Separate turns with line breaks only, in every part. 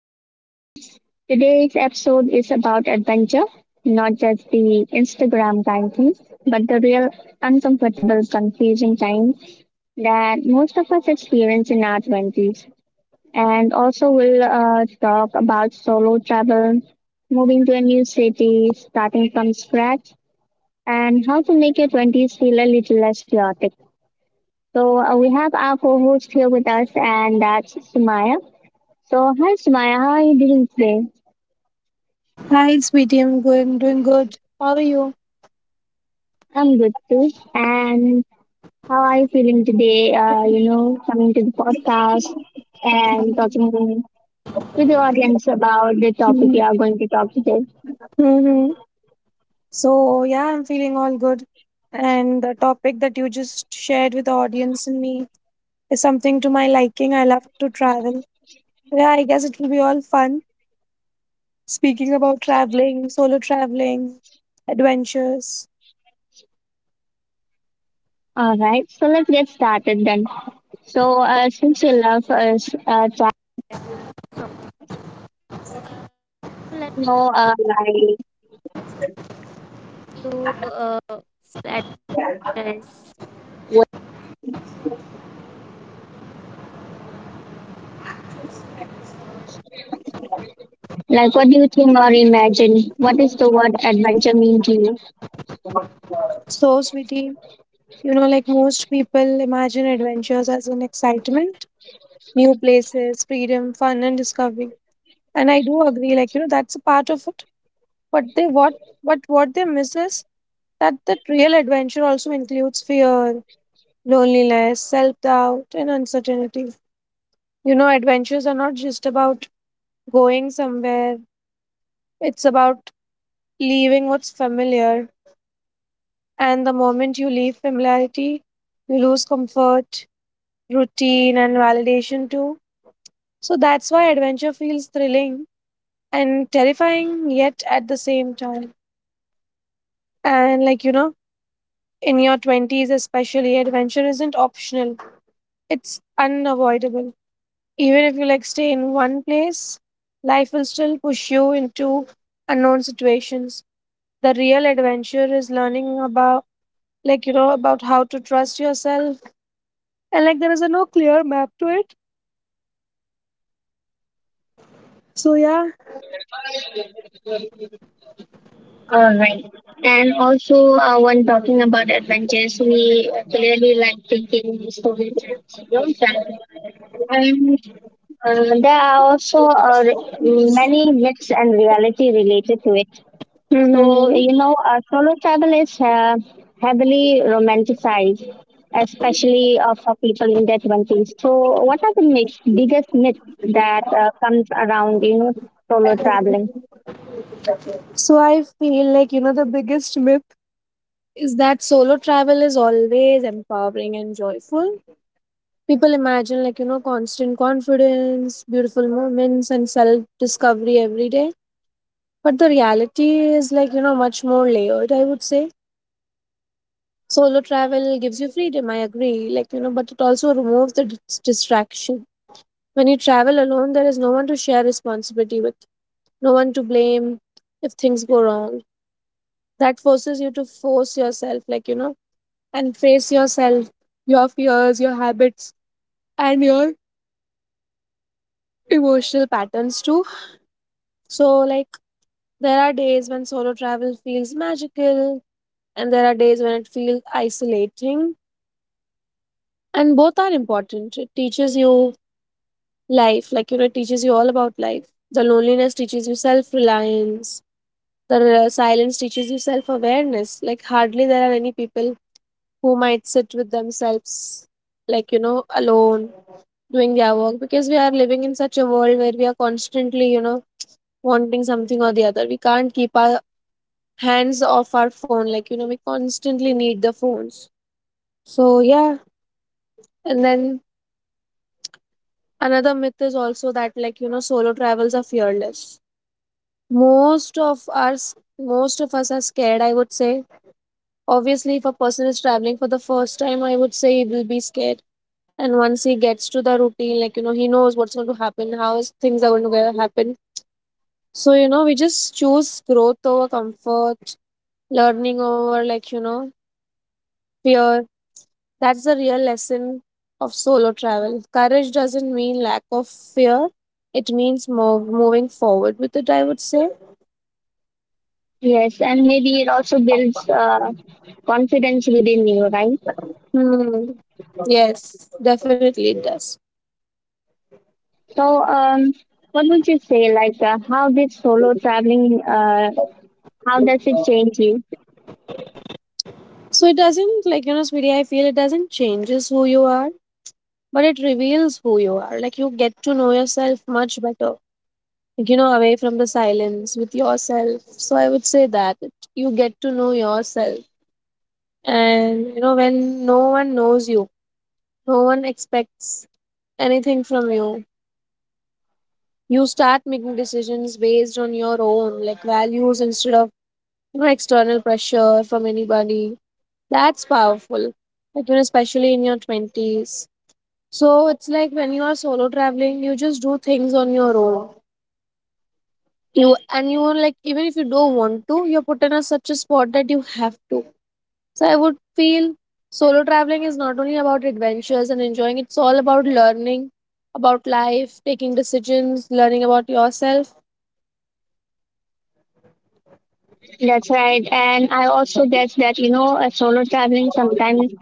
And today's episode is about adventure, not just the Instagram kind thing, but the real uncomfortable, confusing kind that most of us experience in our 20s. And also, we'll talk about solo travel, moving to a new city, starting from scratch, and how to make your 20s feel a little less chaotic. So, we have our co host here with us, and that's Sumaya. So, hi Sumaya, how are you doing today?
Hi, sweetie. I'm good. Doing good. How are you?
I'm good too. And how are you feeling today? Coming to the podcast and talking to the audience about the topic we are going to talk today.
Mm-hmm. So, yeah, I'm feeling all good. And the topic that you just shared with the audience and me is something to my liking. I love to travel. Yeah, I guess it will be all fun. Speaking about traveling, solo traveling, adventures.
All right, so let's get started then. So, since you love Like, what do you think or imagine? What does the word adventure mean to you?
So, sweetie, you know, like most people imagine adventures as an excitement, new places, freedom, fun, and discovery. And I do agree, like, you know, that's a part of it. But they what but what they miss is that real adventure also includes fear, loneliness, self doubt, and uncertainty. You know, adventures are not just about going somewhere, it's about leaving what's familiar. And the moment you leave familiarity, you lose comfort, routine, and validation too. So that's why adventure feels thrilling and terrifying, yet at the same time. And like, you know, in your 20s, especially, adventure isn't optional, it's unavoidable. Even if you like stay in one place, life will still push you into unknown situations. The real adventure is learning about, like, you know, about how to trust yourself, and like, there is a no clear map to it. So, yeah.
All right. And also, when talking about adventures, we clearly like taking story trips, you know, travel. And there are also many myths and reality related to it.
Hmm.
So, solo travel is romanticized, especially for people in their 20s. So, what are the myths, biggest myths that comes around, you know, solo traveling?
So I feel like, you know, the biggest myth is that solo travel is always empowering and joyful. People imagine, like, you know, constant confidence, beautiful moments, and self discovery every day. But the reality is, like, you know, much more layered, I would say. Solo travel gives you freedom, I agree. Like, you know, but it also removes the distraction. When you travel alone, there is no one to share responsibility with, no one to blame if things go wrong. That forces you to force yourself, like, you know, and face yourself, your fears, your habits, and your emotional patterns too. So, like, there are days when solo travel feels magical, and there are days when it feels isolating. And both are important. It teaches you life, like, you know, it teaches you all about life. The loneliness teaches you self reliance, the silence teaches you self awareness. Like, hardly there are any people who might sit with themselves, like, you know, alone doing their work because we are living in such a world where we are constantly, you know, wanting something or the other. We can't keep our hands off our phone. Like, you know, we constantly need the phones. So, yeah. And then another myth is also that, like, you know, solo travels are fearless. Most of us are scared, I would say. Obviously, if a person is traveling for the first time, I would say he will be scared. And once he gets to the routine, like, you know, he knows what's going to happen, things are going to happen. So, you know, we just choose growth over comfort, learning over, like, you know, fear. That's the real lesson of solo travel. Courage doesn't mean lack of fear, it means moving forward with it, I would say.
Yes, and maybe it also builds confidence within you, right?
Hmm. Yes, definitely it does.
So, what would you say, like, how did solo traveling, how does it change you?
So it doesn't, like, you know, sweetie, I feel it doesn't changes who you are, but it reveals who you are. Like, you get to know yourself much better, like, you know, away from the silence with yourself. So I would say that it, you get to know yourself. And, you know, when no one knows you, no one expects anything from you. You start making decisions based on your own like values instead of you know external pressure from anybody. That's powerful. Like you know, especially in your twenties. So it's like when you are solo traveling, you just do things on your own. You and you are like even if you don't want to, you're put in a such a spot that you have to. So I would feel solo traveling is not only about adventures and enjoying, it's all about learning about life, taking decisions, learning about yourself.
That's right. And I also guess that, you know, a solo traveling sometimes,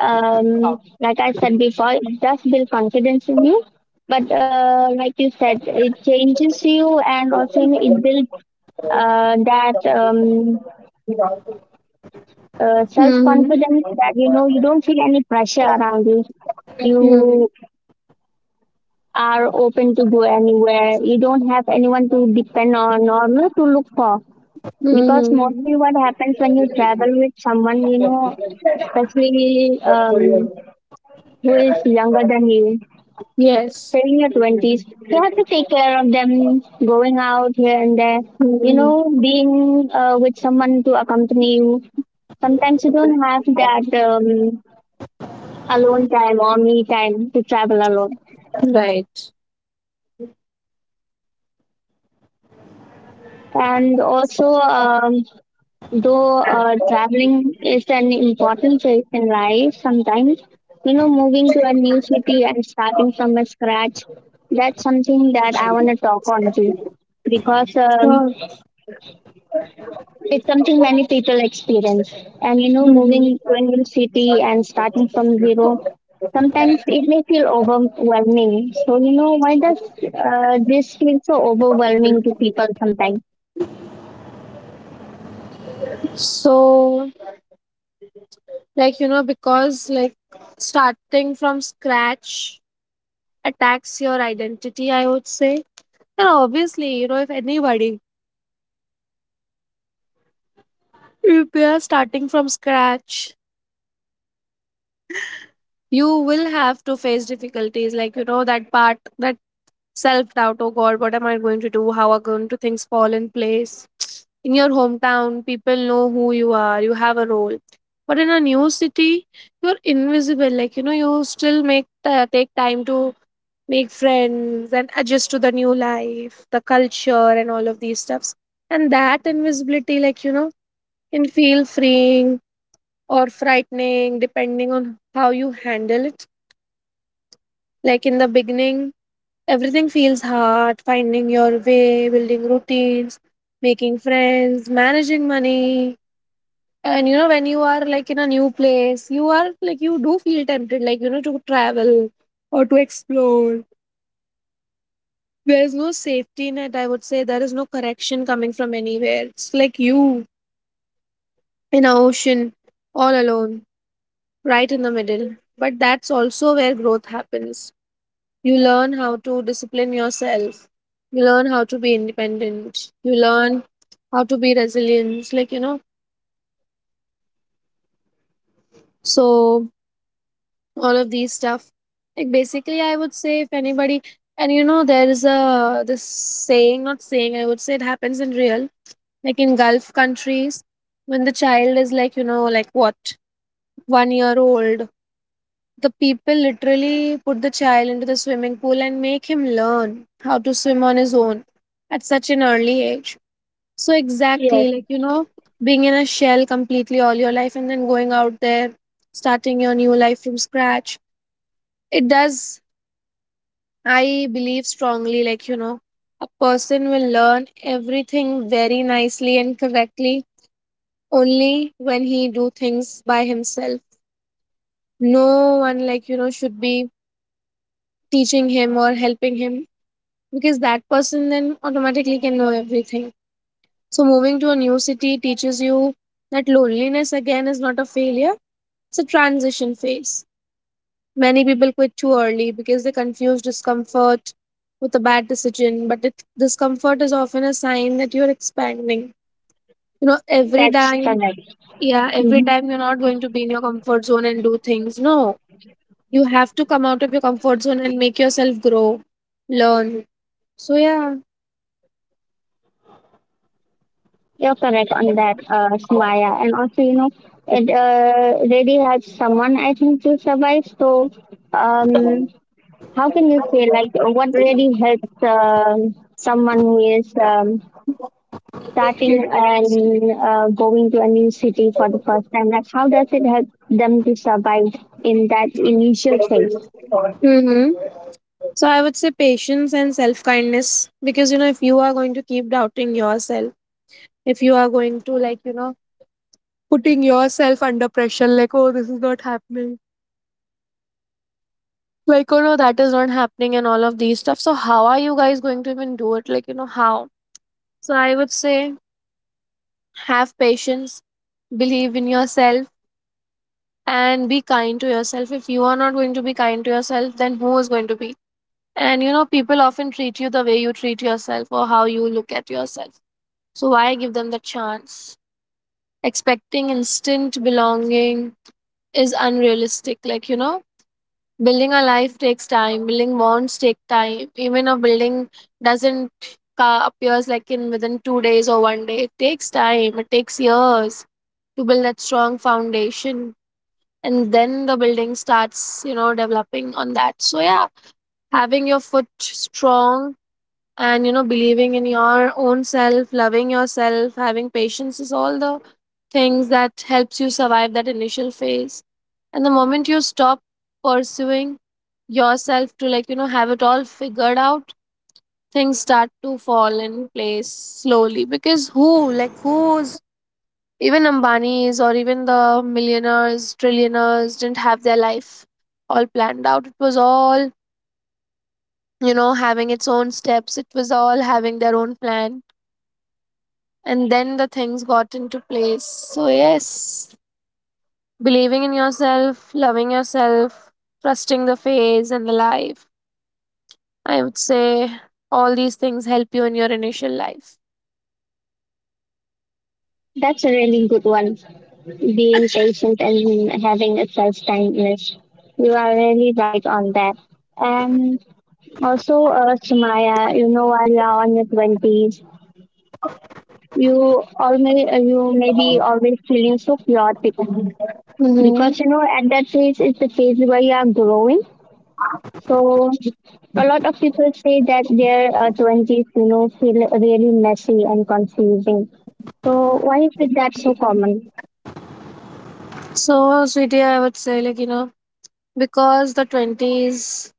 like I said before, it does build confidence in you. But like you said, it changes you, and also you know, it builds that self
Mm-hmm.
confidence that, you know, you don't feel any pressure around you.
Mm-hmm.
You are open to go anywhere. You don't have anyone to depend on, or you know, to look for, because
Mm-hmm.
mostly what happens when you travel with someone you know, especially who is younger than you,
Yes.
say in your 20s, you have to take care of them going out here and there, you
Hmm.
know, being with someone to accompany you. Sometimes you don't have that alone time or me time to travel alone.
Right.
And also, though traveling is an important phase in life sometimes, you know, moving to a new city and starting from a scratch, that's something that I want to talk on to, because
Sure.
it's something many people experience. And, you know,
Mhm.
moving to a new city and starting from zero, sometimes it may feel overwhelming. So, you know, why does this feel so overwhelming to people sometimes?
So, like, you know, because like starting from scratch attacks your identity, I would say. And obviously, you know, if anybody, if they are starting from scratch, you will have to face difficulties. Like, you know, that part, that self doubt, oh God, what am I going to do? How are going to things fall in place? In your hometown, people know who you are, you have a role. But in a new city, you're invisible. Like, you know, you still make take time to make friends and adjust to the new life, the culture, and all of these stuffs. And that invisibility, like, you know, can feel freeing or frightening depending on how you handle it. Like, in the beginning, everything feels hard finding your way, building routines, making friends, managing money. And you know, when you are like in a new place, you are like you do feel tempted, like you know, to travel or to explore. There is no safety net, I would say. There is no correction coming from anywhere. It's like you in an ocean, all alone, right in the middle. But that's also where growth happens. You learn how to discipline yourself. You learn how to be independent. You learn how to be resilient. Like, you know, so all of these stuff, like basically I would say if anybody, and you know there is a this saying not saying I would say it happens in real, like in gulf countries, when the child is like you know like what 1 year old, the people literally put the child into the swimming pool and make him learn how to swim on his own at such an early age. So exactly
Yes,
like you know, being in a shell completely all your life and then going out there starting your new life from scratch, it does, I believe strongly, like, you know, a person will learn everything very nicely and correctly only when he do things by himself. No one, like, you know, should be teaching him or helping him because that person then automatically can know everything. So moving to a new city teaches you that loneliness again is not a failure, it's a transition phase. Many people quit too early because they confuse discomfort with a bad decision, but it, discomfort is often a sign that you're expanding. You know, every
that's
time,
correct.
yeah, every
Mm-hmm.
time you're not going to be in your comfort zone and do things. No, you have to come out of your comfort zone and make yourself grow, learn. So, yeah.
You're correct on that, Smaya. And also, you know, it really helps someone, I think, to survive. So, um, how can you say, what really helps someone who is starting and going to a new city for the first time? Like, how does it help them to survive in that initial phase?
Mm-hmm. So, I would say patience and self kindness because, you know, if you are going to keep doubting yourself, if you are going to, like, you know, putting yourself under pressure, like, oh, this is not happening. Like, oh no, that is not happening and all of these stuff. So, how are you guys going to even do it? Like, you know, how? So, I would say have patience, believe in yourself, and be kind to yourself. If you are not going to be kind to yourself, then who is going to be? And, you know, people often treat you the way you treat yourself or how you look at yourself. So, why give them the chance? Expecting instant belonging is unrealistic. Like, you know, building a life takes time. Building bonds take time. Even a building doesn't appears like in within 2 days or one day. It takes time. It takes years to build that strong foundation, and then the building starts, you know, developing on that. So yeah, having your foot strong and you know believing in your own self, loving yourself, having patience is all the things that helps you survive that initial phase. And the moment you stop pursuing yourself to like you know have it all figured out, things start to fall in place slowly because who who's even Ambanis or even the millionaires trillionaires didn't have their life all planned out. It was all, you know, having its own steps. It was all having their own plan, and then the things got into place. So yes, believing in yourself, loving yourself, trusting the phase and the life, I would say all these things help you in your initial life.
That's a really good one, being patient and having a self-kindness. You are really right on that. And also, Sumaya, you know, while you are on your twenties, you always you may be always feeling so chaotic,
Mm-hmm.
because you know at that phase is the phase where you are growing. So a lot of people say that their twenties, you know, feel really messy and confusing. So why is it that so common?
So, sweetie, I would say, like, you know, because the 20s,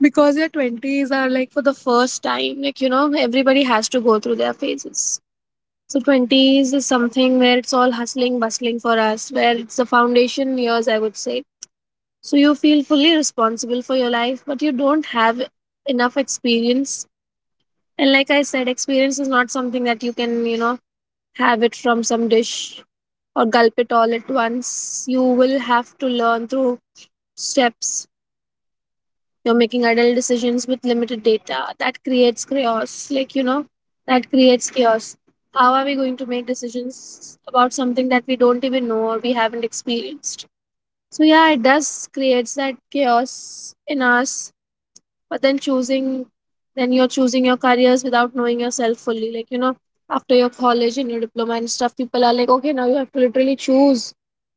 because your 20s are like for the first time, like, you know, everybody has to go through their phases. So, 20s is something where it's all hustling, bustling for us, where it's the foundation years, I would say. So, you feel fully responsible for your life, but you don't have enough experience. And, like I said, experience is not something that you can, you know, have it from some dish or gulp it all at once. You will have to learn through steps. You're making adult decisions with limited data. That creates chaos. That creates chaos. How are we going to make decisions about something that we don't even know or we haven't experienced? So, yeah, it does creates that chaos in us, but then choosing then you're choosing your careers without knowing yourself fully, after your college and your diploma and stuff, people are like, okay, now you have to literally choose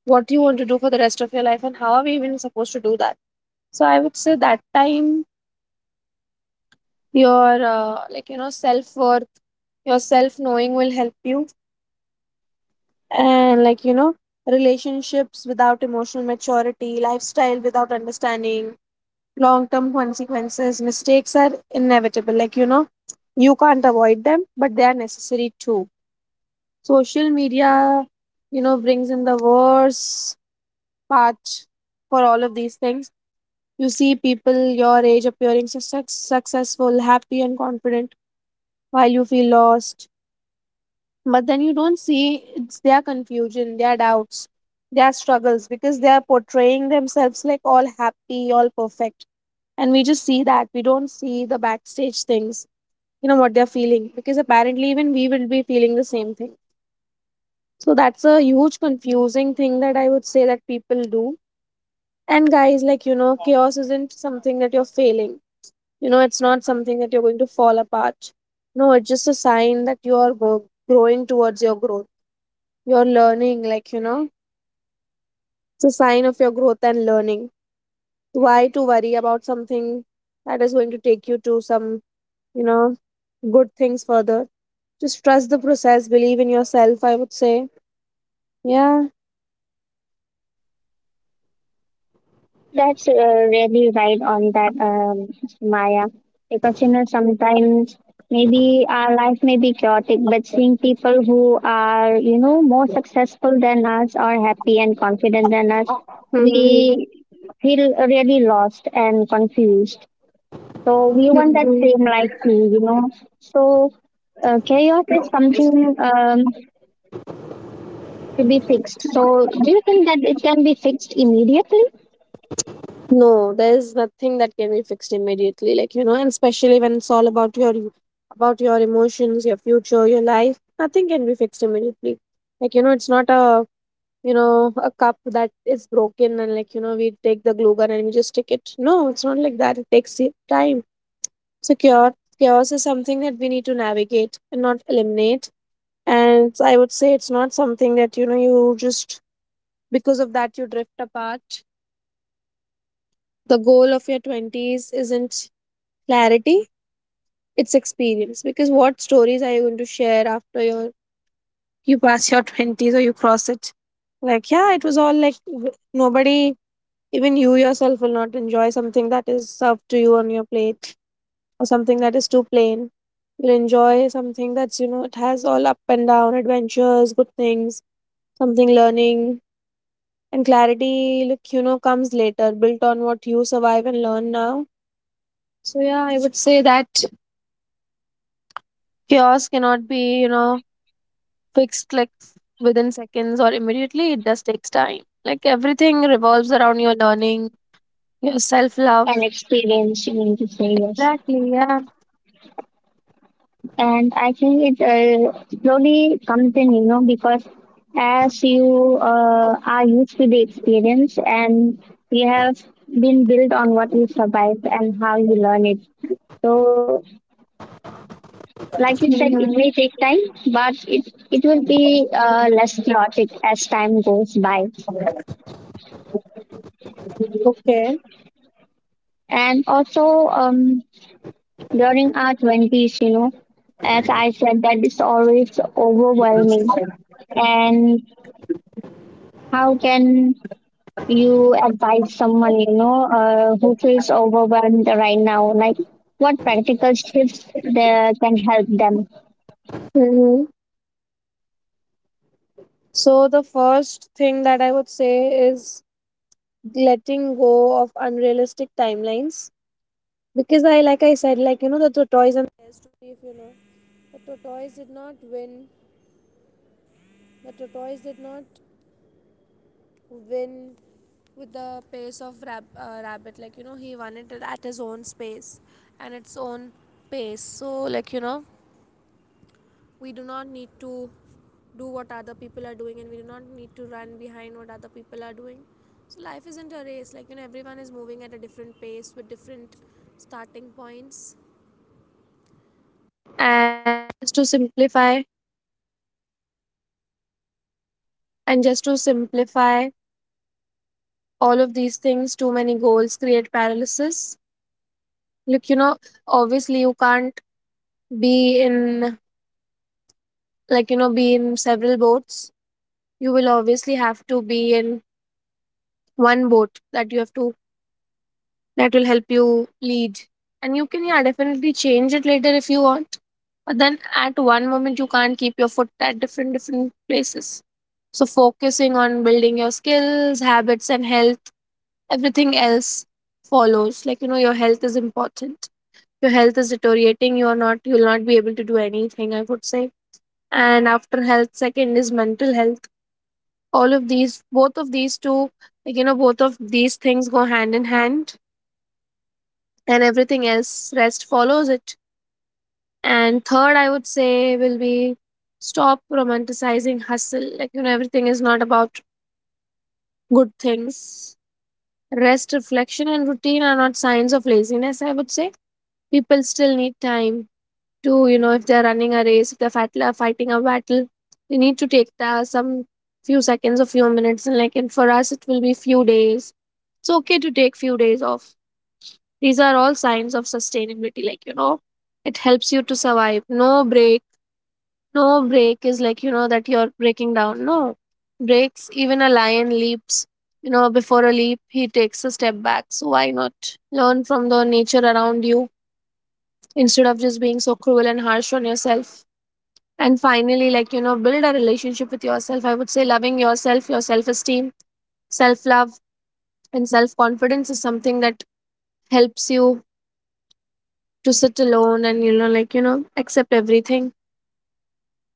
what you want to do for the rest of your life. And how are we even supposed to do that? So I would say that time your self worth, your self knowing will help you. And like you know Relationships without emotional maturity, lifestyle without understanding long term consequences, mistakes are inevitable. You can't avoid them, but they are necessary too. Social media, brings in the worst part for all of these things. You see people your age appearing so successful, happy and confident, while you feel lost. But then you don't see it's their confusion, their doubts, their struggles, because they are portraying themselves like all happy, all perfect, and we just see that. We don't see the backstage things, what they're feeling, because apparently even we will be feeling the same thing. So that's a huge confusing thing that I would say that people do. And guys, chaos isn't something that you're failing. You know, it's not something that you're going to fall apart. No, it's just a sign that you're growing towards your growth. You're learning. It's a sign of your growth and learning. Why to worry about something that is going to take you to some, you know, good things further? Just trust the process, believe in yourself, I would say. Yeah.
That's really right on that, Maya. Because you know, sometimes maybe our life may be chaotic, but seeing people who are you know more successful than us or happy and confident than us,
Mhm.
we feel really lost and confused. So we want that
Mhm.
same life too, you know. So chaos is something to be fixed. So do you think that it can be fixed immediately?
No, there's nothing that can be fixed immediately, and especially when it's all about your, about your emotions, your future, your life, nothing can be fixed immediately. It's not a, you know, a cup that is broken and, we take the glue gun and we just stick it. No, it's not like that. It takes time. So chaos is something that we need to navigate and not eliminate. And I would say it's not something that, you know, you just, because of that, you drift apart. The goal of your 20s isn't clarity, it's experience, because what stories are you going to share after your, you pass your 20s or you cross it? Like, yeah, it was all like nobody. Even you yourself will not enjoy something that is served to you on your plate, or something that is too plain. You'll enjoy something that's, you know, it has all up and down adventures, good things, something learning. And clarity, look, you know, comes later, built on what you survive and learn now. So yeah, I would say that chaos cannot be, you know, fixed like within seconds or immediately. It just takes time. Like everything revolves around your learning, your self
An
love.
experience, you mean to say yes?
Exactly, yeah.
And I think it slowly comes in, you know, because as you are used to the experience and you have been built on what you survived and how you learn it. So, like you said, it
Mhm.
may take time, but it will be less chaotic as time goes by.
Okay.
And also, during our twenties, you know, as I said, that is always overwhelming. And how can you advise someone you know who feels overwhelmed right now, like what practical tips there can help them?
Hmm. So the first thing that I would say is letting go of unrealistic timelines. Because I, like I said, like, you know, the and just to simplify all of these things, too many goals create paralysis. Like, you know, obviously you can't be in, be in several boats. You will obviously have to be in one boat that you have to, that will help you lead. And you can, yeah, definitely change it later if you want. But then at one moment, you can't keep your foot at different, different places. So focusing on building your skills, habits, and health, everything else follows. Your health is important. Your health is deteriorating, you are not, you'll not be able to do anything, I would say. And after health, second is mental health. All of these both of these two like you know Both of these things go hand in hand, and everything else rest follows it. And third, I would say, will be stop romanticizing hustle. Everything is not about good things. Rest, reflection and routine are not signs of laziness, I would say. People still need time to, you know, if they're running a race, if they're fighting a battle, they need to take the, some few seconds or few minutes, and like, and for us it will be few days. It's okay to take few days off. These are all signs of sustainability. It helps you to survive. No break, no break is like, you know, that you're breaking down. No, breaks, even a lion leaps. You know, before a leap, he takes a step back. So why not learn from the nature around you, instead of just being so cruel and harsh on yourself? And finally, build a relationship with yourself. I would say loving yourself, your self esteem, self love, and self confidence is something that helps you to sit alone and, you know, accept everything,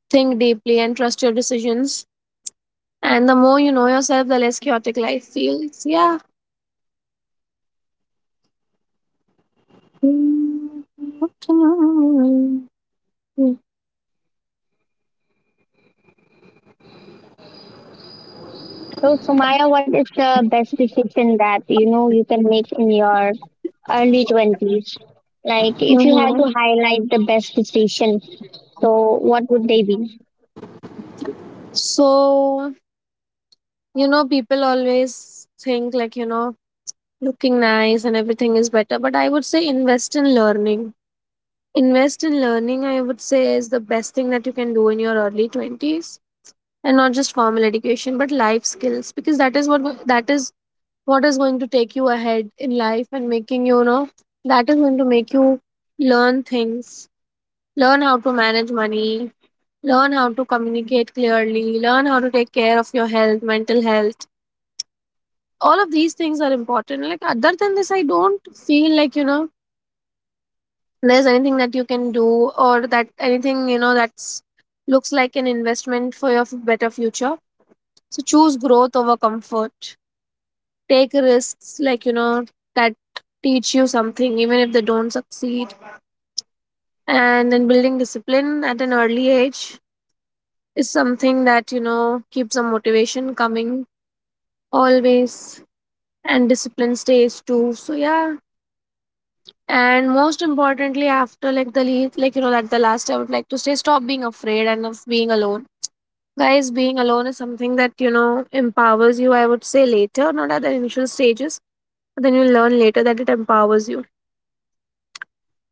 think deeply, and trust your decisions. And the more you know yourself, the less chaotic life feels. Yeah.
So Sumaya, what is the best decision that you know you can make in your early 20s? Like if you had to highlight the best decision, so what would they be?
So, you know, people always think looking nice and everything is better, but I would say invest in learning. Invest in learning, I would say, is the best thing that you can do in your early 20s. And not just formal education, but life skills, because that is what is going to take you ahead in life and making you, you know, that is going to make you learn things. Learn how to manage money, learn how to communicate clearly, learn how to take care of your health, mental health. All of these things are important. Like, other than this, I don't feel there's anything that you can do, or that anything, you know, that's looks like an investment for your better future. So choose growth over comfort. Take risks, that teach you something, even if they don't succeed. And then building discipline at an early age is something that, you know, keeps the motivation coming always. And discipline stays too, so yeah. And most importantly, after like the that the last, I would like to say, stop being afraid and of being alone. Guys, being alone is something that, you know, empowers you, I would say later, not at the initial stages, but then you learn later that it empowers you.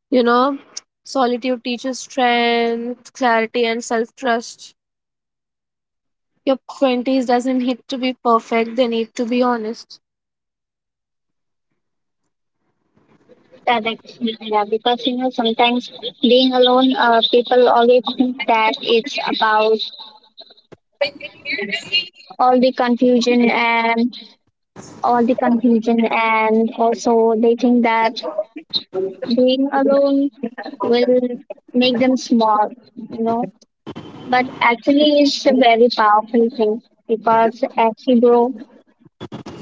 You know, solitude teaches strength, clarity, and self trust. Your 20s doesn't need to be perfect, they need to be honest.
Correct. Yeah, because you know sometimes being alone, people always think that it's about all the confusion and all the confusion, and also they think that being alone will make them small, you know. But actually, it's a very powerful thing, because actually, bro,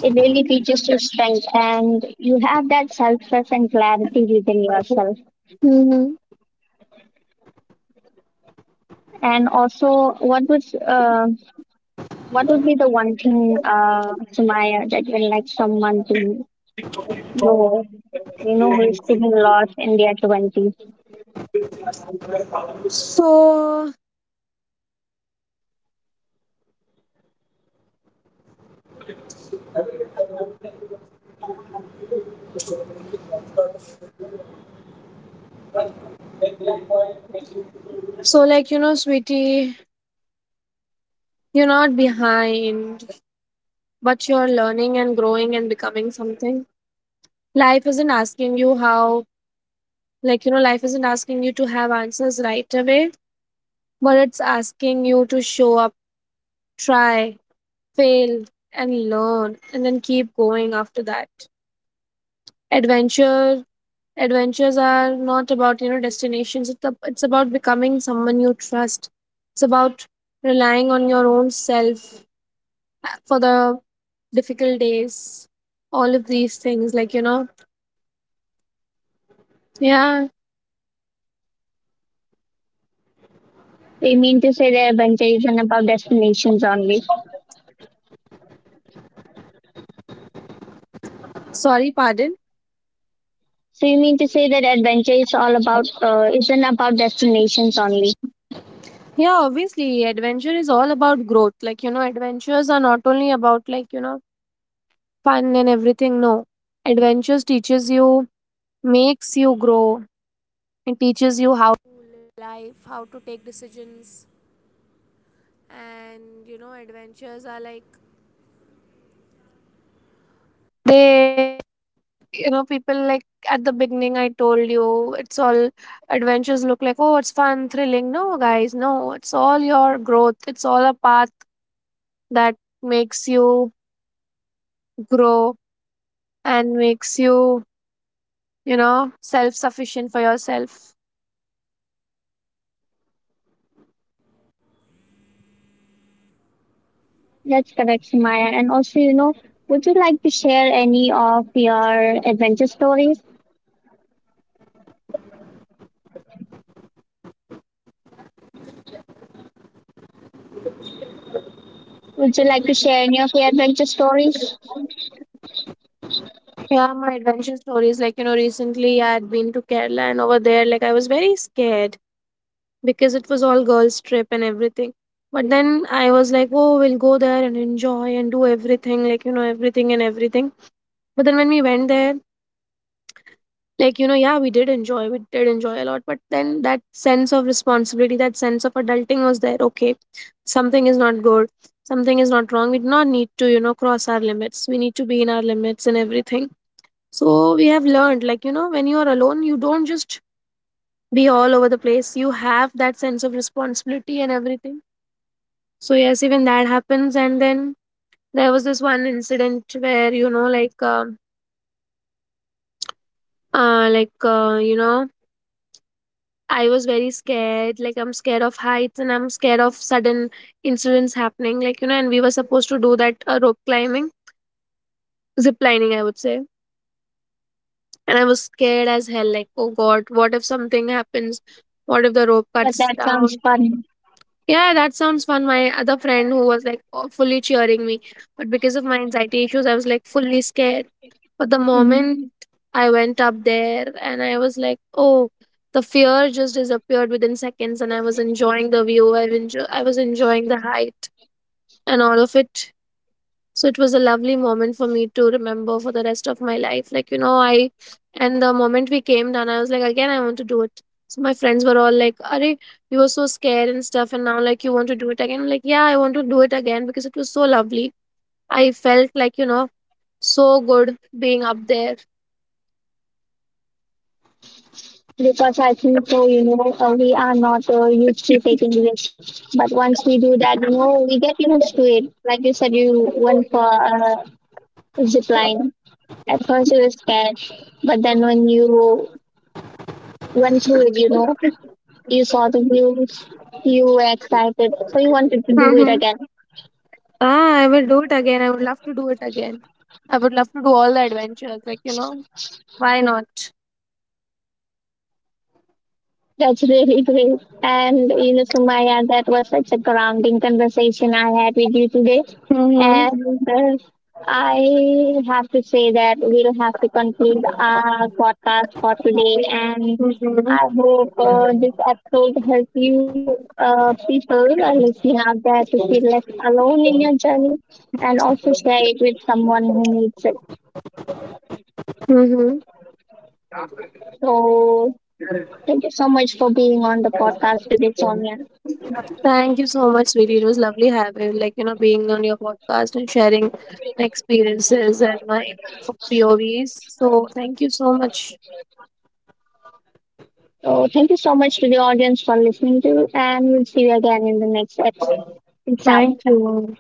it really teaches you strength, and you have that self trust and clarity within yourself.
Mhm.
And also, what would be the one thing, Sumaya, that you would like someone to know, you know, who is feeling lost in their twenties?
So, so, sweetie, you're not behind, but you're learning and growing and becoming something. Life isn't asking you how, life isn't asking you to have answers right away, but it's asking you to show up, try, fail, and learn, and then keep going after that. Adventure Adventures are not about, you know, destinations. It's it's about becoming someone you trust. It's about relying on your own self for the difficult days. All of these things, yeah.
So you mean to say that adventure isn't about destinations only?
Sorry, pardon.
So you mean to say that adventure is all about isn't about destinations only?
Yeah, obviously, adventure is all about growth. Adventures are not only about, fun and everything. No, adventures teaches you, makes you grow, it teaches you. At the beginning, I told you, it's all adventures look like, oh, it's fun, thrilling. No, guys, no, it's all your growth. It's all a path that makes you grow and makes you, you know, self sufficient for yourself.
That's correct, Sumaya. And also, you know, would you like to share any of your adventure stories? Would you like to share any of your adventure stories?
Yeah, my adventure stories. Recently I had been to Kerala, and over there, like, I was very scared because it was all girls' trip and everything. But then I was like, oh, we'll go there and enjoy and do everything, everything and everything. But then when we went there, yeah, we did enjoy a lot, but then that sense of responsibility, that sense of adulting was there. Okay, something is not good, something is not wrong. We do not need to, you know, cross our limits. We need to be in our limits and everything. So we have learned, when you are alone, you don't just be all over the place. You have that sense of responsibility and everything. So yes, even that happens. And then there was this one incident where, you know, like uh, like uh, you know I was very scared. Like, I'm scared of heights and I'm scared of sudden incidents happening. And we were supposed to do that rope climbing, zip lining, I would say. And I was scared as hell. Like, oh God, what if something happens? What if the rope
But that
cuts
sounds
down?
fun.
Yeah, that sounds fun. My other friend who was like fully cheering me, but because of my anxiety issues, I was like fully scared. But the
Hmm.
moment I went up there and I was like, oh, the fear just disappeared within seconds, and I was enjoying the view. I was enjoying the height and all of it. So it was a lovely moment for me to remember for the rest of my life. And the moment we came down, I was like, again, I want to do it. So my friends were all like, are you, were so scared and stuff, and now like you want to do it again? I'm like, yeah, I want to do it again because it was so lovely. I felt like, you know, so good being up there.
Because I think so, you know, we are not used to taking risks. But once we do that, you know, we get used to it. Like you said, you went for a zip line. At first you were scared, but then when you went through it, you know, you saw the views, you were excited, so you wanted to do it
Mhm.
again.
Ah, I will do it again. I would love to do it again. I would love to do all the adventures. Why not?
That's really great. And you know, Sumaya, that was such a grounding conversation I had with you today.
Mm-hmm.
And I have to say that we'll have to conclude our podcast for today. And
Mm-hmm.
I hope this episode helps you people are listening out there to feel less alone in your journey, and also share it with someone who needs it.
Mm-hmm.
So thank you so much for being on the podcast with Sonia.
Thank you so much, sweetie. It was lovely having, being on your podcast and sharing my experiences and my POVs. So, thank you so much.
So thank you so much to the audience for listening to, and we'll see you again in the next episode. Peace out.
Thank you.